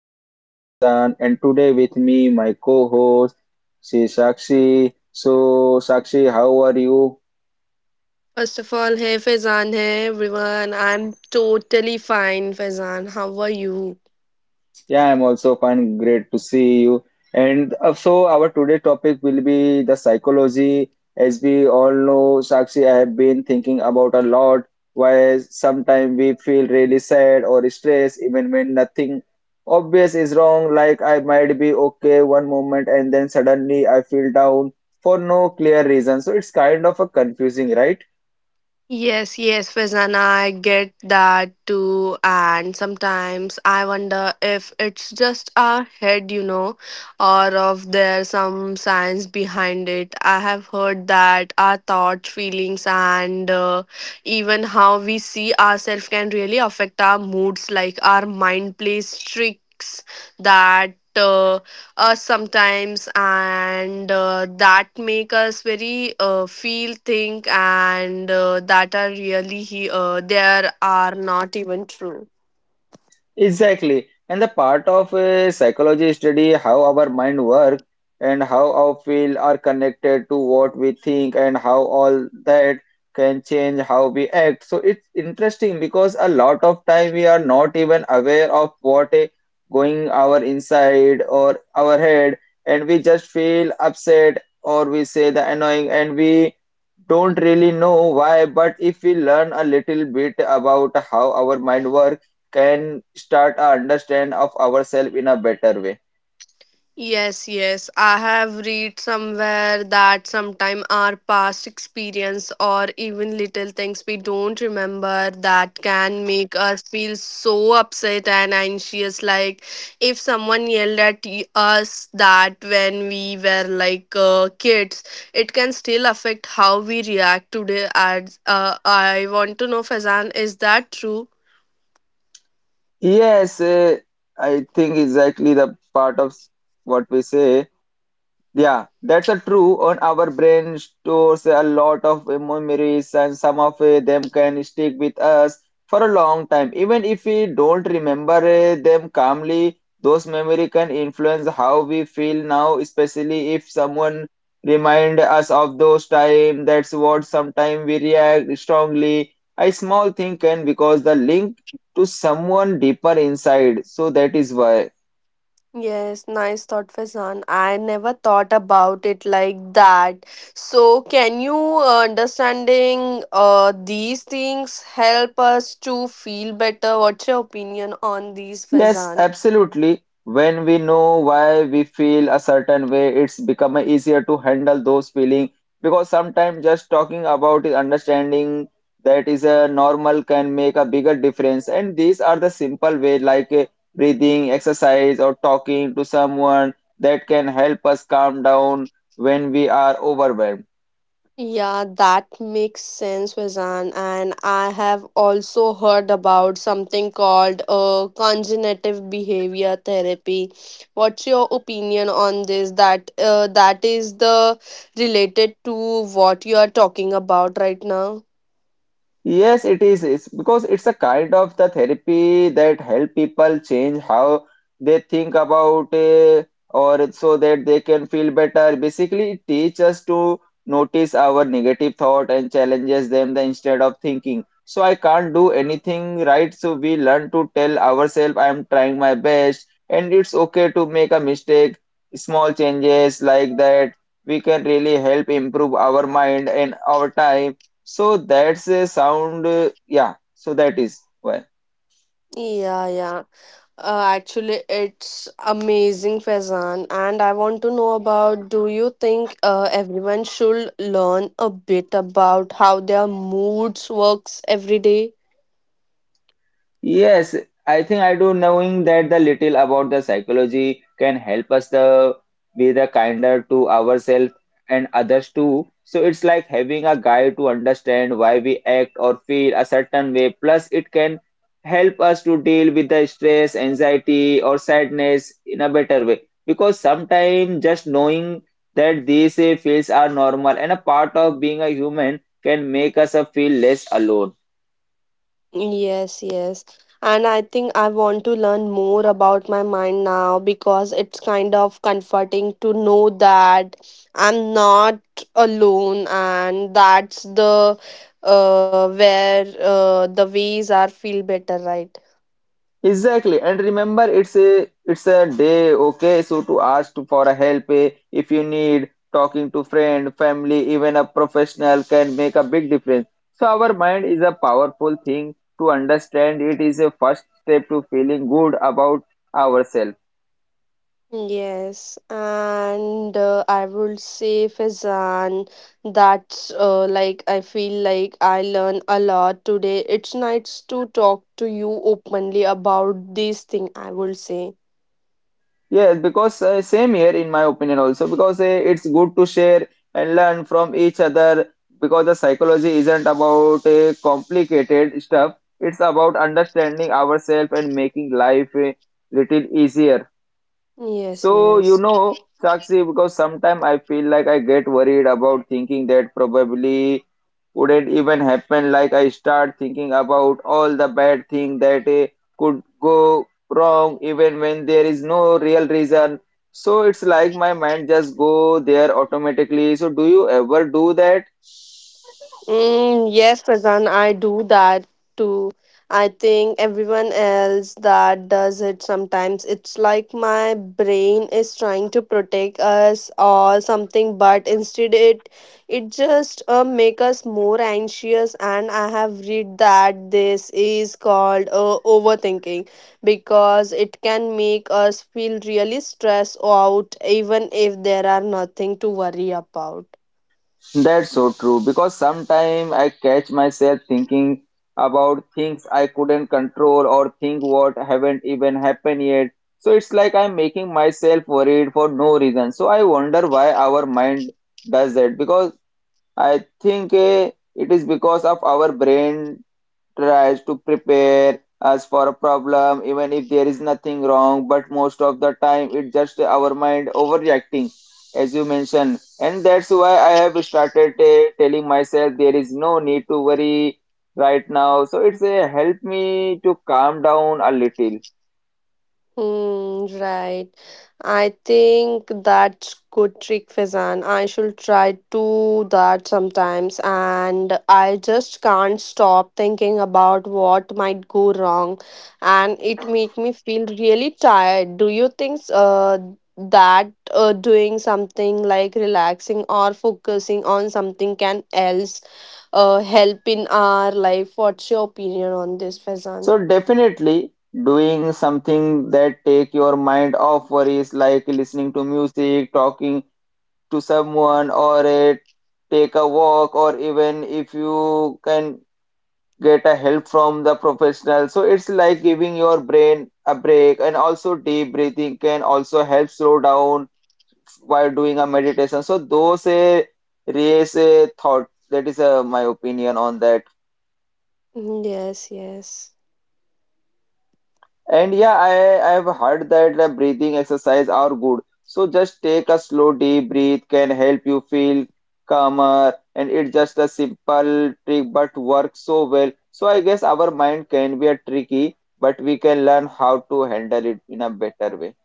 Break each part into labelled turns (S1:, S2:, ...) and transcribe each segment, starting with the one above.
S1: your host Faizan and today with me my co-host she is Sakshi. So Sakshi, how are you?
S2: First of all, hey Faizan, hey everyone. I'm totally fine, Faizan. How are you?
S1: Yeah, I'm also fine. Great to see you. And so our today topic will be the psychology. As we all know, Sakshi, I have been thinking about a lot why sometimes we feel really sad or stressed even when nothing obvious is wrong. Like I might be okay one moment and then suddenly I feel down for no clear reason. So it's kind of a confusing, right?
S2: Yes, yes, Faizan, I get that too. And sometimes I wonder if it's just a head, or if there's some science behind it. I have heard that our thoughts, feelings, and even how we see ourselves can really affect our moods, like our mind plays tricks that. Uh, Sometimes and that make us very feel think and that are really there are not even true.
S1: Exactly. And the part of a psychology study how our mind work and how our feel are connected to what we think and how all that can change how we act. So it's interesting because a lot of time we are not even aware of what is going our inside or our head and we just feel upset or we say the annoying and we don't really know why, but if we learn a little bit about how our mind works, can start a understand of ourselves in a better way.
S2: Yes, yes. I have read somewhere that sometime our past experience or even little things we don't remember that can make us feel so upset and anxious. Like if someone yelled at us that when we were like kids, it can still affect how we react today. As I want to know, Fazan, is that true?
S1: Yes, I think exactly the part of what we say. Yeah, that's a true. On our brain stores a lot of memories, and some of them can stick with us for a long time. Even if we don't remember them calmly, those memory can influence how we feel now, especially if someone remind us of those time. That's what sometimes we react strongly. A small thing can because the link to someone deeper inside. So that is why.
S2: Yes, nice thought, Faizan. I never thought about it like that. So, can you understanding these things help us to feel better? What's your opinion on these,
S1: Yes,
S2: Faizan?
S1: absolutely. When we know why we feel a certain way, it's become easier to handle those feelings because sometimes just talking about it, understanding that is a normal can make a bigger difference. And these are the simple way like breathing, exercise, or talking to someone that can help us calm down when we are overwhelmed.
S2: Yeah, that makes sense, Vizan. And I have also heard about something called cognitive behavior therapy. What's your opinion on this? That that is the related to what you are talking about right now.
S1: Yes, it is. It's because it's a kind of the therapy that help people change how they think about it or so that they can feel better. Basically, it teaches us to notice our negative thought and challenges them, instead of thinking, so I can't do anything right. So we learn to tell ourselves, I'm trying my best and it's okay to make a mistake. Small changes like that, we can really help improve our mind and our time so that's a sound, yeah. So that is why.
S2: Yeah, yeah. Actually, it's amazing, Faizan. And I want to know about do you think everyone should learn a bit about how their moods works every day?
S1: Yes, I think I do knowing that the little about the psychology can help us the be the kinder to ourselves and others too. So it's like having a guide to understand why we act or feel a certain way. Plus, it can help us to deal with the stress, anxiety, or sadness in a better way. Because sometimes just knowing that these feels are normal and a part of being a human can make us feel less alone.
S2: Yes, yes. And I think I want to learn more about my mind now because it's kind of comforting to know that I'm not alone and that's the where the ways are feel better, right?
S1: Exactly, and remember, it's a day, okay? So to for a help if you need talking to friend, family, even a professional can make a big difference. So our mind is a powerful thing to understand. It is a first step to feeling good about ourselves.
S2: Yes, and I would say Fizan, that's like I feel like I learn a lot today. It's nice to talk to you openly about this thing, I will say.
S1: Yes, because same here in my opinion also because it's good to share and learn from each other because the psychology isn't about complicated stuff. It's about understanding ourselves and making life a little easier.
S2: Yes,
S1: So, you
S2: yes.
S1: know, Sakshi, because sometimes I feel like I get worried about thinking that probably wouldn't even happen. Like I start thinking about all the bad thing that could go wrong, even when there is no real reason. So it's like my mind just go there automatically. So do you ever do that?
S2: Mm, yes, Faizan, I do that too. I think everyone else that does it sometimes. It's like my brain is trying to protect us or something, but instead it just make us more anxious. And I have read that this is called overthinking because it can make us feel really stressed out, even if there are nothing to worry about.
S1: That's so true because sometimes I catch myself thinking about things I couldn't control or think what haven't even happened yet. So it's like I'm making myself worried for no reason. So I wonder why our mind does that because I think it is because of our brain tries to prepare us for a problem, even if there is nothing wrong. But most of the time, it's just our mind overreacting, as you mentioned. And that's why I have started telling myself there is no need to worry right now. So it's a help me to calm down a little.
S2: Hmm. Right. I think that's good trick, Fazan. I should try to that sometimes, and I just can't stop thinking about what might go wrong, and it make me feel really tired. Do you think that doing something like relaxing or focusing on something can else help in our life? What's your opinion on this, Fazan?
S1: So definitely doing something that take your mind off worries like listening to music, talking to someone or take a walk or even if you can get a help from the professional so it's like giving your brain a break and also deep breathing can also help slow down while doing a meditation so those a raise a thought that is my opinion on that.
S2: Yes, yes.
S1: And yeah, I've heard that the breathing exercise are good. So just take a slow deep breath can help you feel calmer and it's just a simple trick but works so well. So I guess our mind can be a tricky, but we can learn how to handle it in a better way.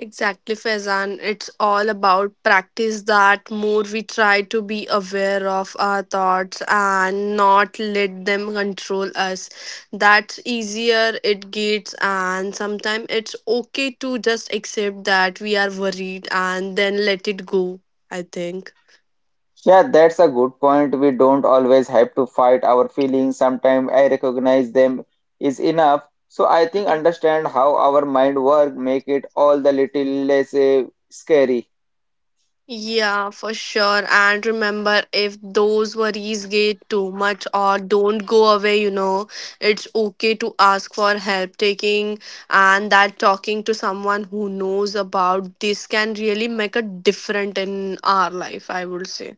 S2: Exactly, Faizan. It's all about practice that more we try to be aware of our thoughts and not let them control us. That's easier it gets, and sometimes it's okay to just accept that we are worried and then let it go, I think.
S1: Yeah, that's a good point. We don't always have to fight our feelings. Sometimes I recognize them is enough. So I think understand how our mind work make it all the little less scary.
S2: Yeah, for sure. And remember, if those worries get too much or don't go away, it's okay to ask for help taking and that talking to someone who knows about this can really make a difference in our life, I would say.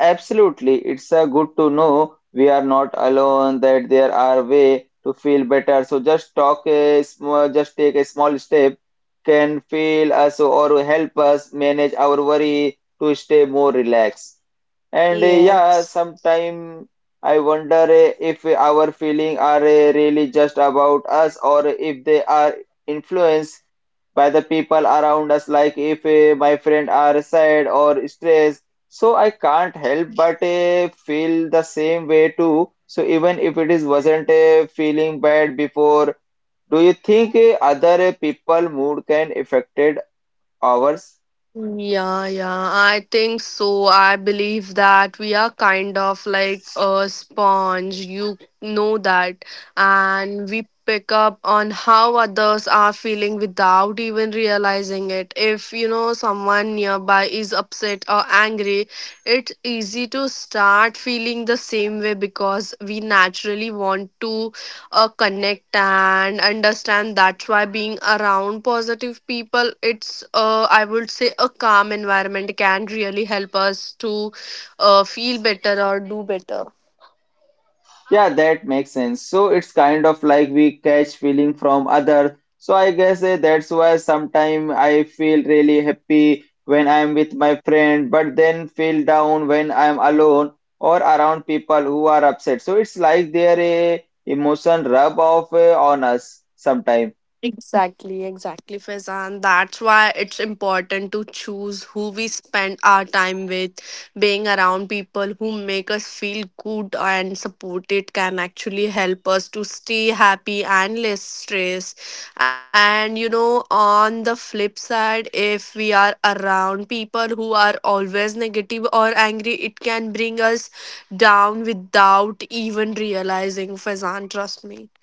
S1: Absolutely. It's good to know we are not alone, that there are way to feel better. So just take a small step can feel us or help us manage our worry to stay more relaxed. And yeah,
S2: Yes.
S1: sometime I wonder if our feelings are really just about us or if they are influenced by the people around us like if my friend are sad or stressed so I can't help but feel the same way too. So even if it is wasn't feeling bad before, do you think other people mood can affected ours?
S2: Yeah, yeah, I think so. I believe that we are kind of like a sponge. You know that. And we pick up on how others are feeling without even realizing it. If you know someone nearby is upset or angry, it's easy to start feeling the same way because we naturally want to connect and understand that's why being around positive people it's I would say a calm environment can really help us to feel better or do better.
S1: Yeah, that makes sense. So it's kind of like we catch feeling from other. So I guess that's why sometimes I feel really happy when I'm with my friend, but then feel down when I'm alone or around people who are upset. So it's like their emotion rub off on us sometimes.
S2: Exactly, exactly, Faizan. That's why it's important to choose who we spend our time with. Being around people who make us feel good and supported can actually help us to stay happy and less stressed. And you know, on the flip side, if we are around people who are always negative or angry, it can bring us down without even realizing, Faizan, trust me.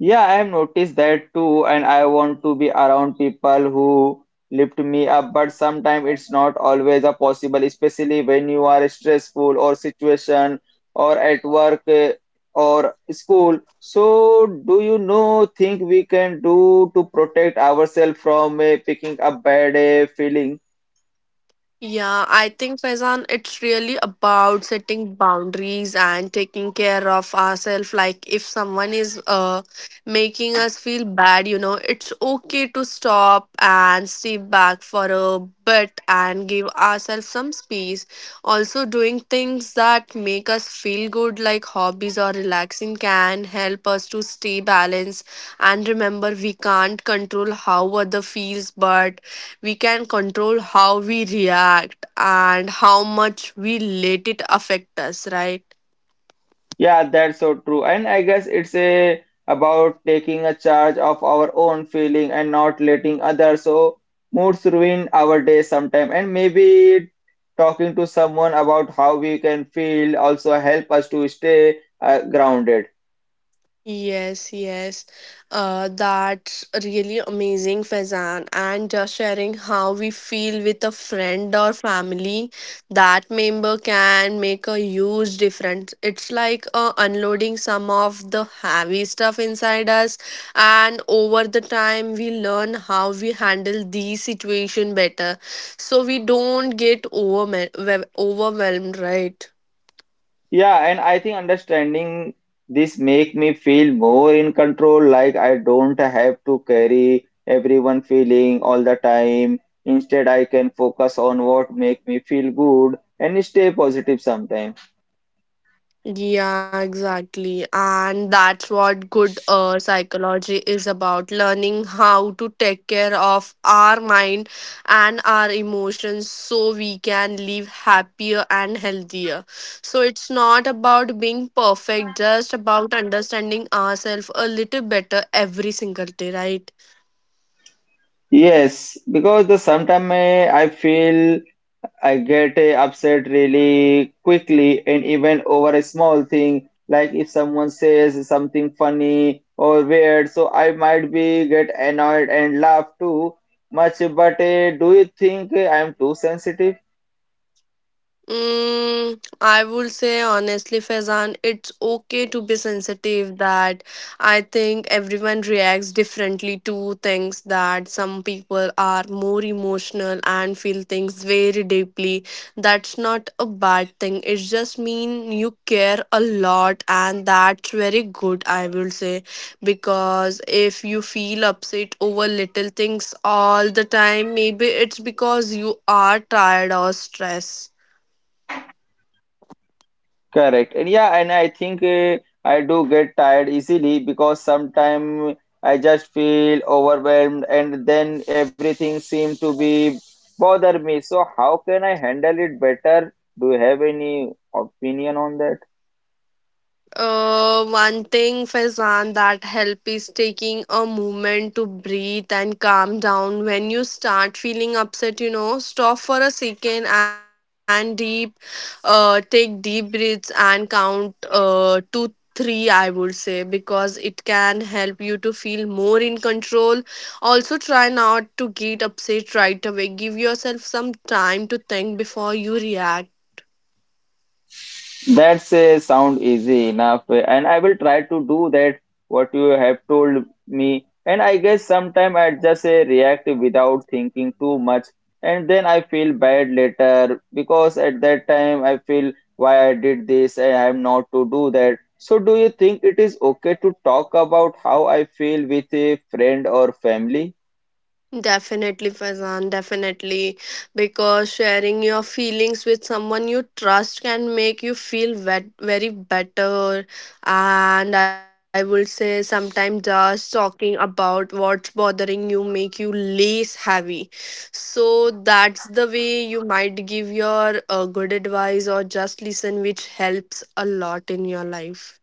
S1: Yeah, I have noticed that too, and I want to be around people who lift me up, but sometimes it's not always a possible, especially when you are stressful or situation or at work or school. So, do you know think we can do to protect ourselves from picking up bad feelings?
S2: Yeah, I think Faizan, it's really about setting boundaries and taking care of ourselves. Like if someone is making us feel bad, It's okay to stop and step back for a bit and give ourselves some space. Also, doing things that make us feel good, like hobbies or relaxing, can help us to stay balanced. And remember, we can't control how other feels, but we can control how we react and how much we let it affect us, right?
S1: Yeah, that's so true. And I guess it's a about taking a charge of our own feeling and not letting others so moods ruin our day sometime. And maybe talking to someone about how we can feel also help us to stay grounded.
S2: Yes, yes. That's really amazing, Faizan. And just sharing how we feel with a friend or family, that member can make a huge difference. It's like unloading some of the heavy stuff inside us, and over the time, we learn how we handle these situation better, so we don't get overwhelmed, right?
S1: Yeah, and I think understanding this make me feel more in control, like I don't have to carry everyone feeling all the time. Instead, I can focus on what make me feel good and stay positive sometimes.
S2: Yeah, exactly. And that's what good psychology is about learning how to take care of our mind and our emotions so we can live happier and healthier. So it's not about being perfect, just about understanding ourselves a little better every single day, right?
S1: Yes, because the sometimes I feel I get upset really quickly and even over a small thing, like if someone says something funny or weird, so I might be get annoyed and laugh too much. But do you think I am too sensitive?
S2: Mm, I would say honestly, Faizan, it's okay to be sensitive. That I think everyone reacts differently to things. That some people are more emotional and feel things very deeply. That's not a bad thing. It just mean you care a lot, and that's very good. I will say because if you feel upset over little things all the time, maybe it's because you are tired or stressed.
S1: Correct. And yeah, and I think I do get tired easily because sometimes I just feel overwhelmed and then everything seems to be bother me. So how can I handle it better? Do you have any opinion on that?
S2: One thing, Faizan, that help is taking a moment to breathe and calm down. When you start feeling upset, stop for a second and take deep breaths and count to three, I would say, because it can help you to feel more in control. Also, try not to get upset right away. Give yourself some time to think before you react.
S1: That's a sound easy enough, and I will try to do that what you have told me. And I guess sometime I just react without thinking too much, and then I feel bad later because at that time I feel why I did this and I am not to do that. So, do you think it is okay to talk about how I feel with a friend or family?
S2: Definitely, Faizan, definitely. Because sharing your feelings with someone you trust can make you feel very better. And I would say sometimes just talking about what's bothering you make you less heavy. So that's the way you might give your good advice or just listen, which helps a lot in your life.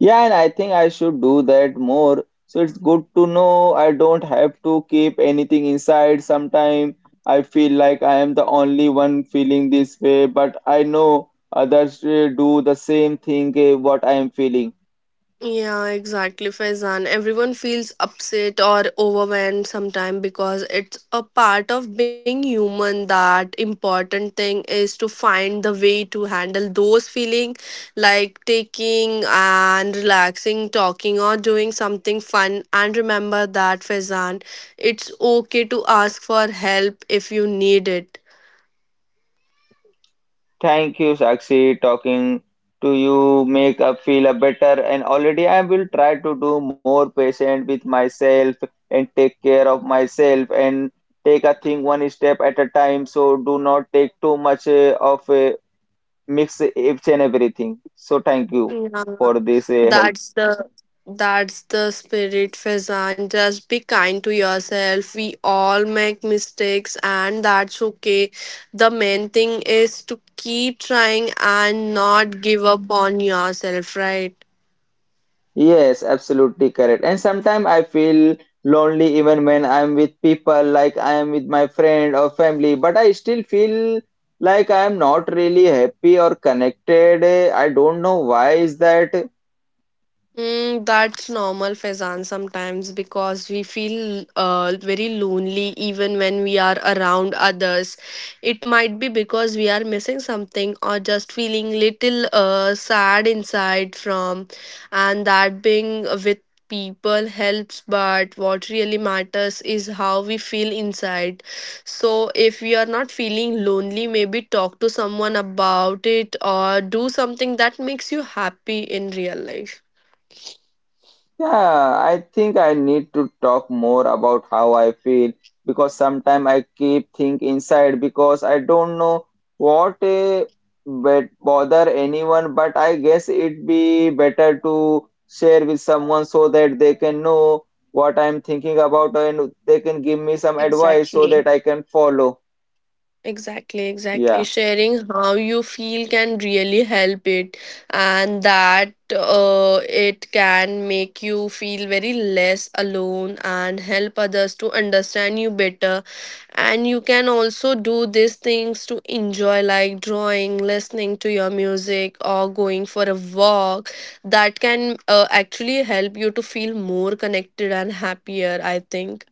S1: Yeah, and I think I should do that more. So it's good to know I don't have to keep anything inside. Sometimes I feel like I am the only one feeling this way, but I know others do the same thing what I am feeling.
S2: Yeah, exactly, Faizan. Everyone feels upset or overwhelmed sometimes because it's a part of being human. That important thing is to find the way to handle those feeling, like taking and relaxing, talking or doing something fun. And remember that, Faizan, it's okay to ask for help if you need it.
S1: Thank you, Sakshi. Talking to you make up feel a better, and already I will try to do more patient with myself and take care of myself and take a thing one step at a time so do not take too much of a mix each and everything. So thank you
S2: Yeah.
S1: for this help.
S2: That's the that's the spirit, Faizan. Just be kind to yourself. We all make mistakes and that's okay. The main thing is to keep trying and not give up on yourself, right?
S1: Yes, absolutely correct. And sometimes I feel lonely even when I'm with people, like I am with my friend or family, but I still feel like I am not really happy or connected. I don't know why is that.
S2: Mm, that's normal, Faizan, sometimes because we feel very lonely even when we are around others. It might be because we are missing something or just feeling little sad inside from and that being with people helps but what really matters is how we feel inside so if you are not feeling lonely maybe talk to someone about it or do something that makes you happy in real life.
S1: Yeah, I think I need to talk more about how I feel because sometimes I keep think inside because I don't know what a bet bother anyone, but I guess it'd be better to share with someone so that they can know what I'm thinking about and they can give me some advice so that
S2: Exactly.
S1: I can follow.
S2: Exactly, exactly.
S1: Yeah.
S2: Sharing how you feel can really help it, and that it can make you feel very less alone and help others to understand you better. And you can also do these things to enjoy, like drawing, listening to your music, or going for a walk. That can actually help you to feel more connected and happier, I think.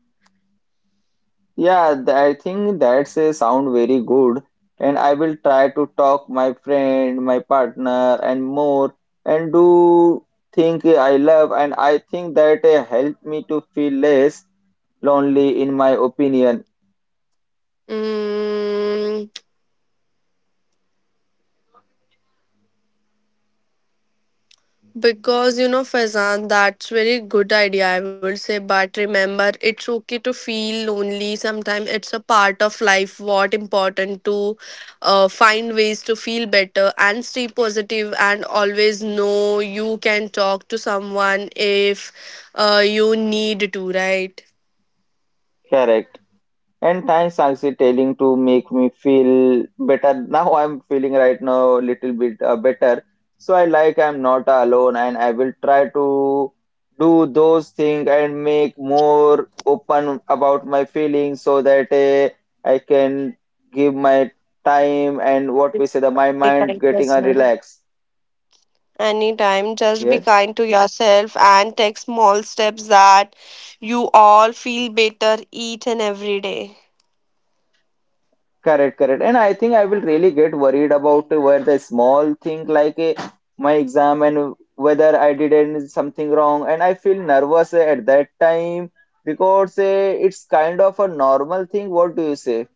S1: Yeah, I think that's a sound very good, and I will try to talk my friend, my partner, and more, and do think I love, and I think that helped me to feel less lonely, in my opinion.
S2: Mm, because you know, Fazan, that's very good idea, I would say. But remember, it's okay to feel lonely. Sometimes it's a part of life. What important to find ways to feel better and stay positive, and always know you can talk to someone if you need to, right?
S1: Correct. And thanks, Sakshi, telling to make me feel better. Now I'm feeling right now a little bit better. So I like I'm not alone and I will try to do those things and make more open about my feelings so that I can give my time and what we say, the, my mind getting a relax.
S2: Anytime, just be
S1: Yes.
S2: kind to yourself and take small steps that you all feel better each and every day.
S1: Correct, correct. And I think I will really get worried about where the small thing like my exam and whether I didn't something wrong. And I feel nervous at that time because it's kind of a normal thing. What do you say?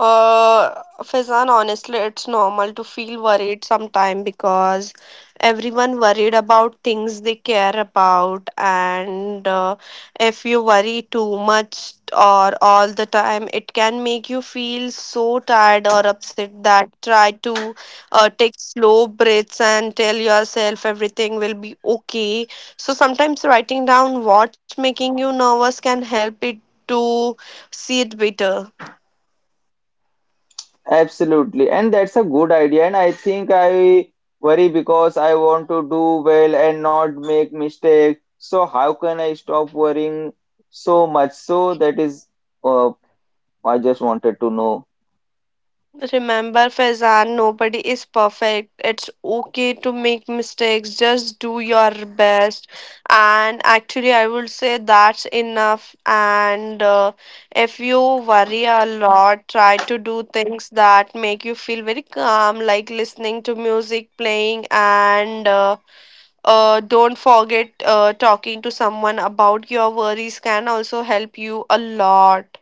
S2: Faizan, honestly, it's normal to feel worried sometime because everyone worried about things they care about, and if you worry too much or all the time, it can make you feel so tired or upset that try to take slow breaths and tell yourself everything will be okay. So sometimes writing down what's making you nervous can help it to see it better.
S1: Absolutely. And that's a good idea. And I think I worry because I want to do well and not make mistakes. So how can I stop worrying so much? So that is, uh, I just wanted to know.
S2: Remember, Faizan, nobody is perfect. It's okay to make mistakes. Just do your best. And actually, I would say that's enough. And if you worry a lot, try to do things that make you feel very calm, like listening to music, playing, and don't forget talking to someone about your worries can also help you a lot.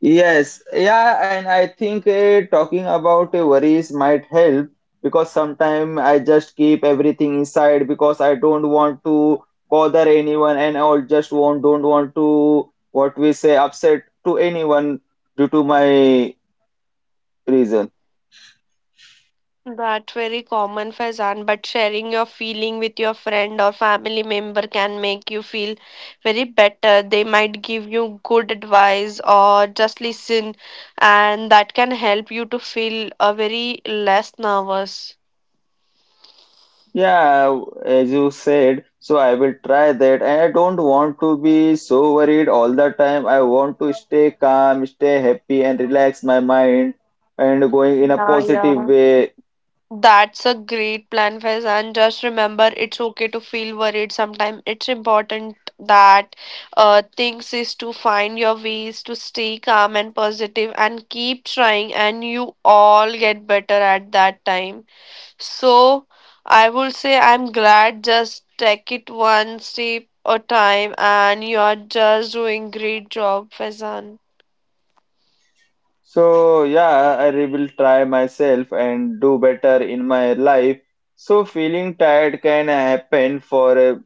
S1: Yes, yeah, and I think talking about worries might help because sometimes I just keep everything inside because I don't want to bother anyone and I just will don't want to what we say upset to anyone due to my reason.
S2: That's very common, Faizan, but sharing your feeling with your friend or family member can make you feel very better. They might give you good advice or just listen, and that can help you to feel a very less nervous.
S1: Yeah, as you said, so I will try that and I don't want to be so worried all the time. I want to stay calm, stay happy and relax my mind and going in a
S2: Yeah,
S1: positive
S2: yeah.
S1: way.
S2: That's a great plan, Faiz. And just remember, it's okay to feel worried. Sometimes it's important that things is to find your ways to stay calm and positive and keep trying, and you all get better at that time. So, I will say I'm glad. Just take it one step at a time, and you are just doing great job, Faizan.
S1: So yeah, I will try myself and do better in my life. So feeling tired can happen for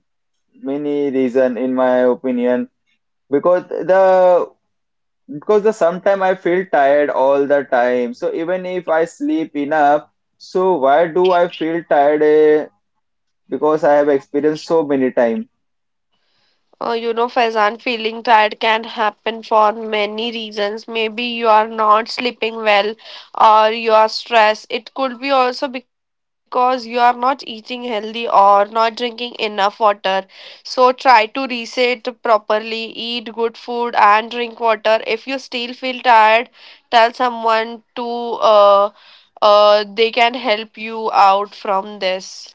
S1: many reason in my opinion because the because the sometime I feel tired all the time. So even if I sleep enough, so why do I feel tired? Because I have experienced so many time.
S2: Faizan, feeling tired can happen for many reasons. Maybe you are not sleeping well or you are stressed. It could be also because you are not eating healthy or not drinking enough water. So try to reset properly, eat good food and drink water. If you still feel tired, tell someone to uh, they can help you out from this.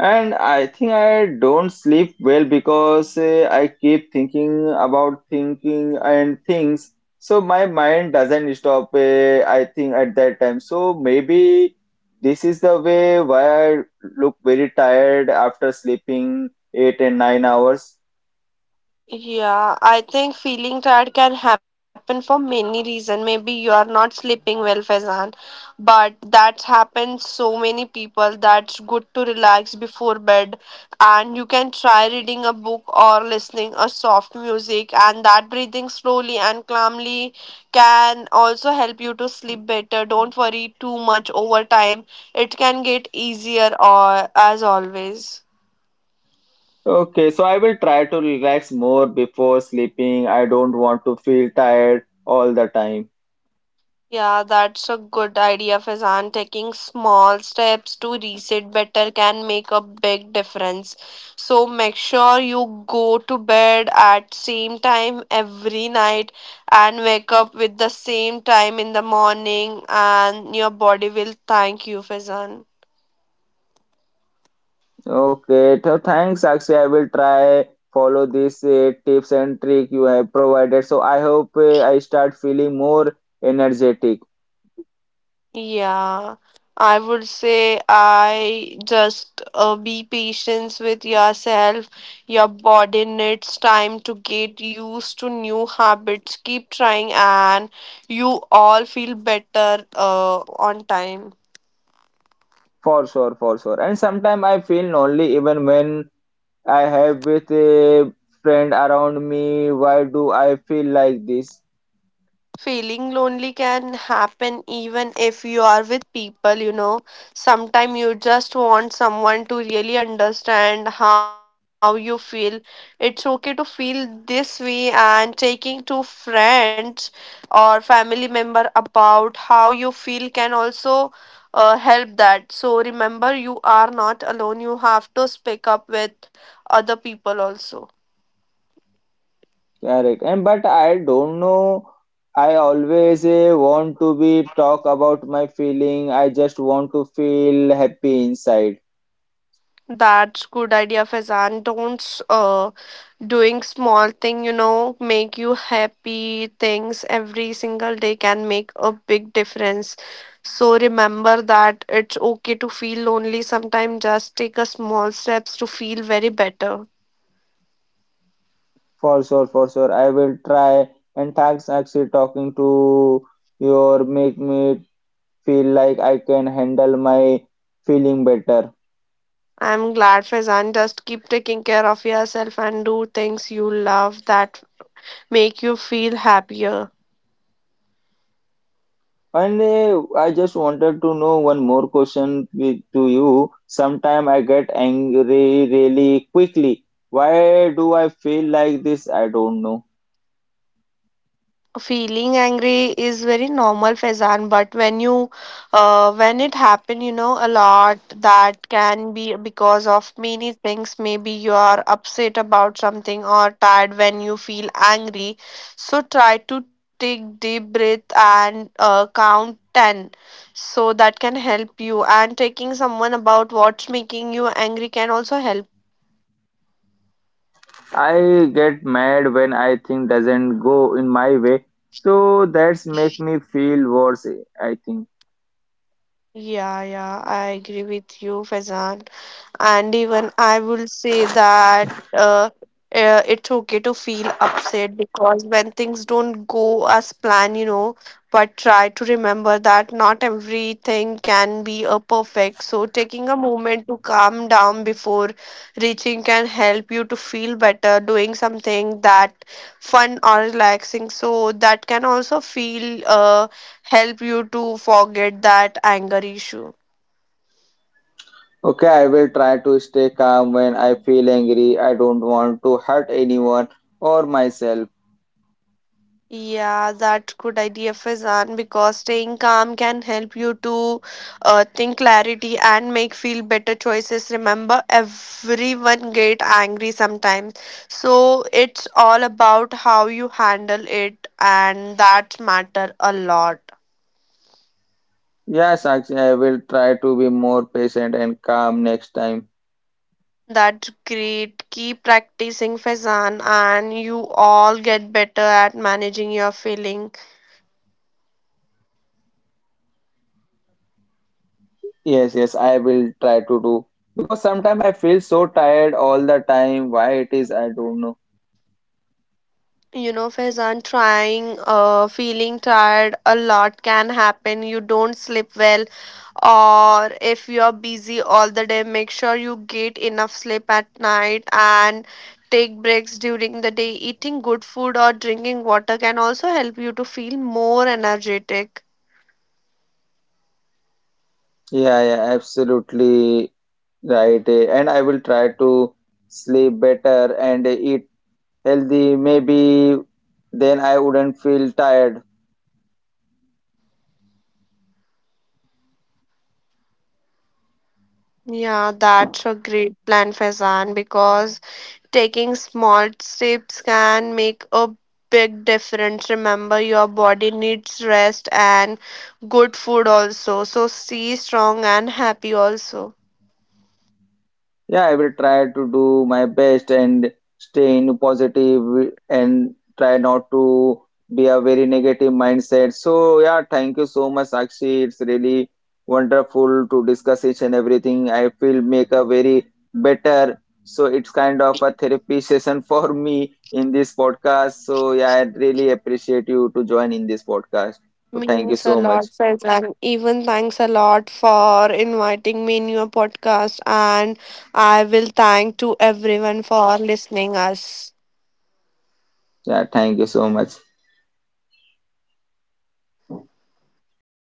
S1: And I think I don't sleep well because I keep thinking about thinking and things. So my mind doesn't stop, I think, at that time. So maybe this is the way why I look very tired after sleeping 8 and 9 hours.
S2: Yeah, I think feeling tired can happen for many reasons. Maybe you are not sleeping well, Faizan, but that's happened so many people. That's good to relax before bed, and you can try reading a book or listening a soft music, and that breathing slowly and calmly can also help you to sleep better. Don't worry too much over time; it can get easier, or as always.
S1: Okay, so I will try to relax more before sleeping. I don't want to feel tired all the time.
S2: Yeah, that's a good idea, Fazan. Taking small steps to reset better can make a big difference. So make sure you go to bed at same time every night and wake up with the same time in the morning and your body will thank you, Fazan.
S1: Okay, so thanks, Sakshi. I will try follow these tips and trick you have provided. So I hope I start feeling more energetic
S2: Yeah, I would say I just be patient with yourself. Your body needs time to get used to new habits. Keep trying, and you all feel better on time.
S1: for sure, for sure. And sometimes I feel lonely even when I have with a friend around me. Why do I feel like this?
S2: Feeling lonely can happen even if you are with people. Sometimes you just want someone to really understand how you feel. It's okay to feel this way and taking to friends or family member about how you feel can also help that. So remember you are not alone. You have to speak up with other people also.
S1: Correct. And but I don't know. I always want to be talk about my feeling. I just want to feel happy inside.
S2: That's good idea, Fazan. Don't uh doing small thing make you happy things every single day can make a big difference. So remember that it's okay to feel lonely sometimes. Just take a small steps to feel very better.
S1: For sure, for sure. I will try. And thanks actually talking to your make me feel like I can handle my feeling better.
S2: I'm glad, Fazan. Just keep taking care of yourself and do things you love that make you feel happier.
S1: And I just wanted to know one more question with, to you. Sometime I get angry really quickly. Why do I feel like this? I don't know.
S2: Feeling angry is very normal, Faizan, but when it happen a lot, that can be because of many things. Maybe you are upset about something or tired when you feel angry. So try to take deep breath and count 10, so that can help you, and taking someone about what's making you angry can also help.
S1: I get mad when I think doesn't go in my way. So that's make me feel worse, I think.
S2: Yeah, yeah, I agree with you, Faizan. And even I will say that uh, it's okay to feel upset because when things don't go as planned, but try to remember that not everything can be a perfect. So taking a moment to calm down before reaching can help you to feel better, doing something that fun or relaxing, so that can also feel help you to forget that anger issue.
S1: Okay, I will try to stay calm when I feel angry. I don't want to hurt anyone or myself.
S2: Yeah, that's good idea, Faizan, because staying calm can help you to think clarity and make feel better choices. Remember, everyone get angry sometimes, so it's all about how you handle it, and that matter a lot.
S1: Yes, Sakshi, I will try to be more patient and calm next time.
S2: That's great. Keep practicing, Faizan, and you all get better at managing your feeling.
S1: Yes, yes, I will try to do. Because sometimes I feel so tired all the time. Why it is, I don't know.
S2: You know, Faizan, trying, feeling tired a lot can happen. You don't sleep well, or if you're busy all the day, make sure you get enough sleep at night and take breaks during the day. Eating good food or drinking water can also help you to feel more energetic.
S1: Yeah, yeah, absolutely right. And I will try to sleep better and eat healthy. Maybe then I wouldn't feel tired.
S2: Yeah, that's a great plan, Faizan, because taking small steps can make a big difference. Remember, your body needs rest and good food also. So, stay strong and happy also.
S1: Yeah, I will try to do my best and stay in positive and try not to be a very negative mindset. So yeah, thank you so much, Sakshi. It's really wonderful to discuss each and everything. I feel make a very better. So it's kind of a therapy session for me in this podcast. So yeah, I really appreciate you to join in this podcast. So thank you
S2: Means a
S1: so much.
S2: lot, Faizan. Even thanks a lot for inviting me in your podcast, and I will thank to everyone for listening us.
S1: Yeah, thank you so much.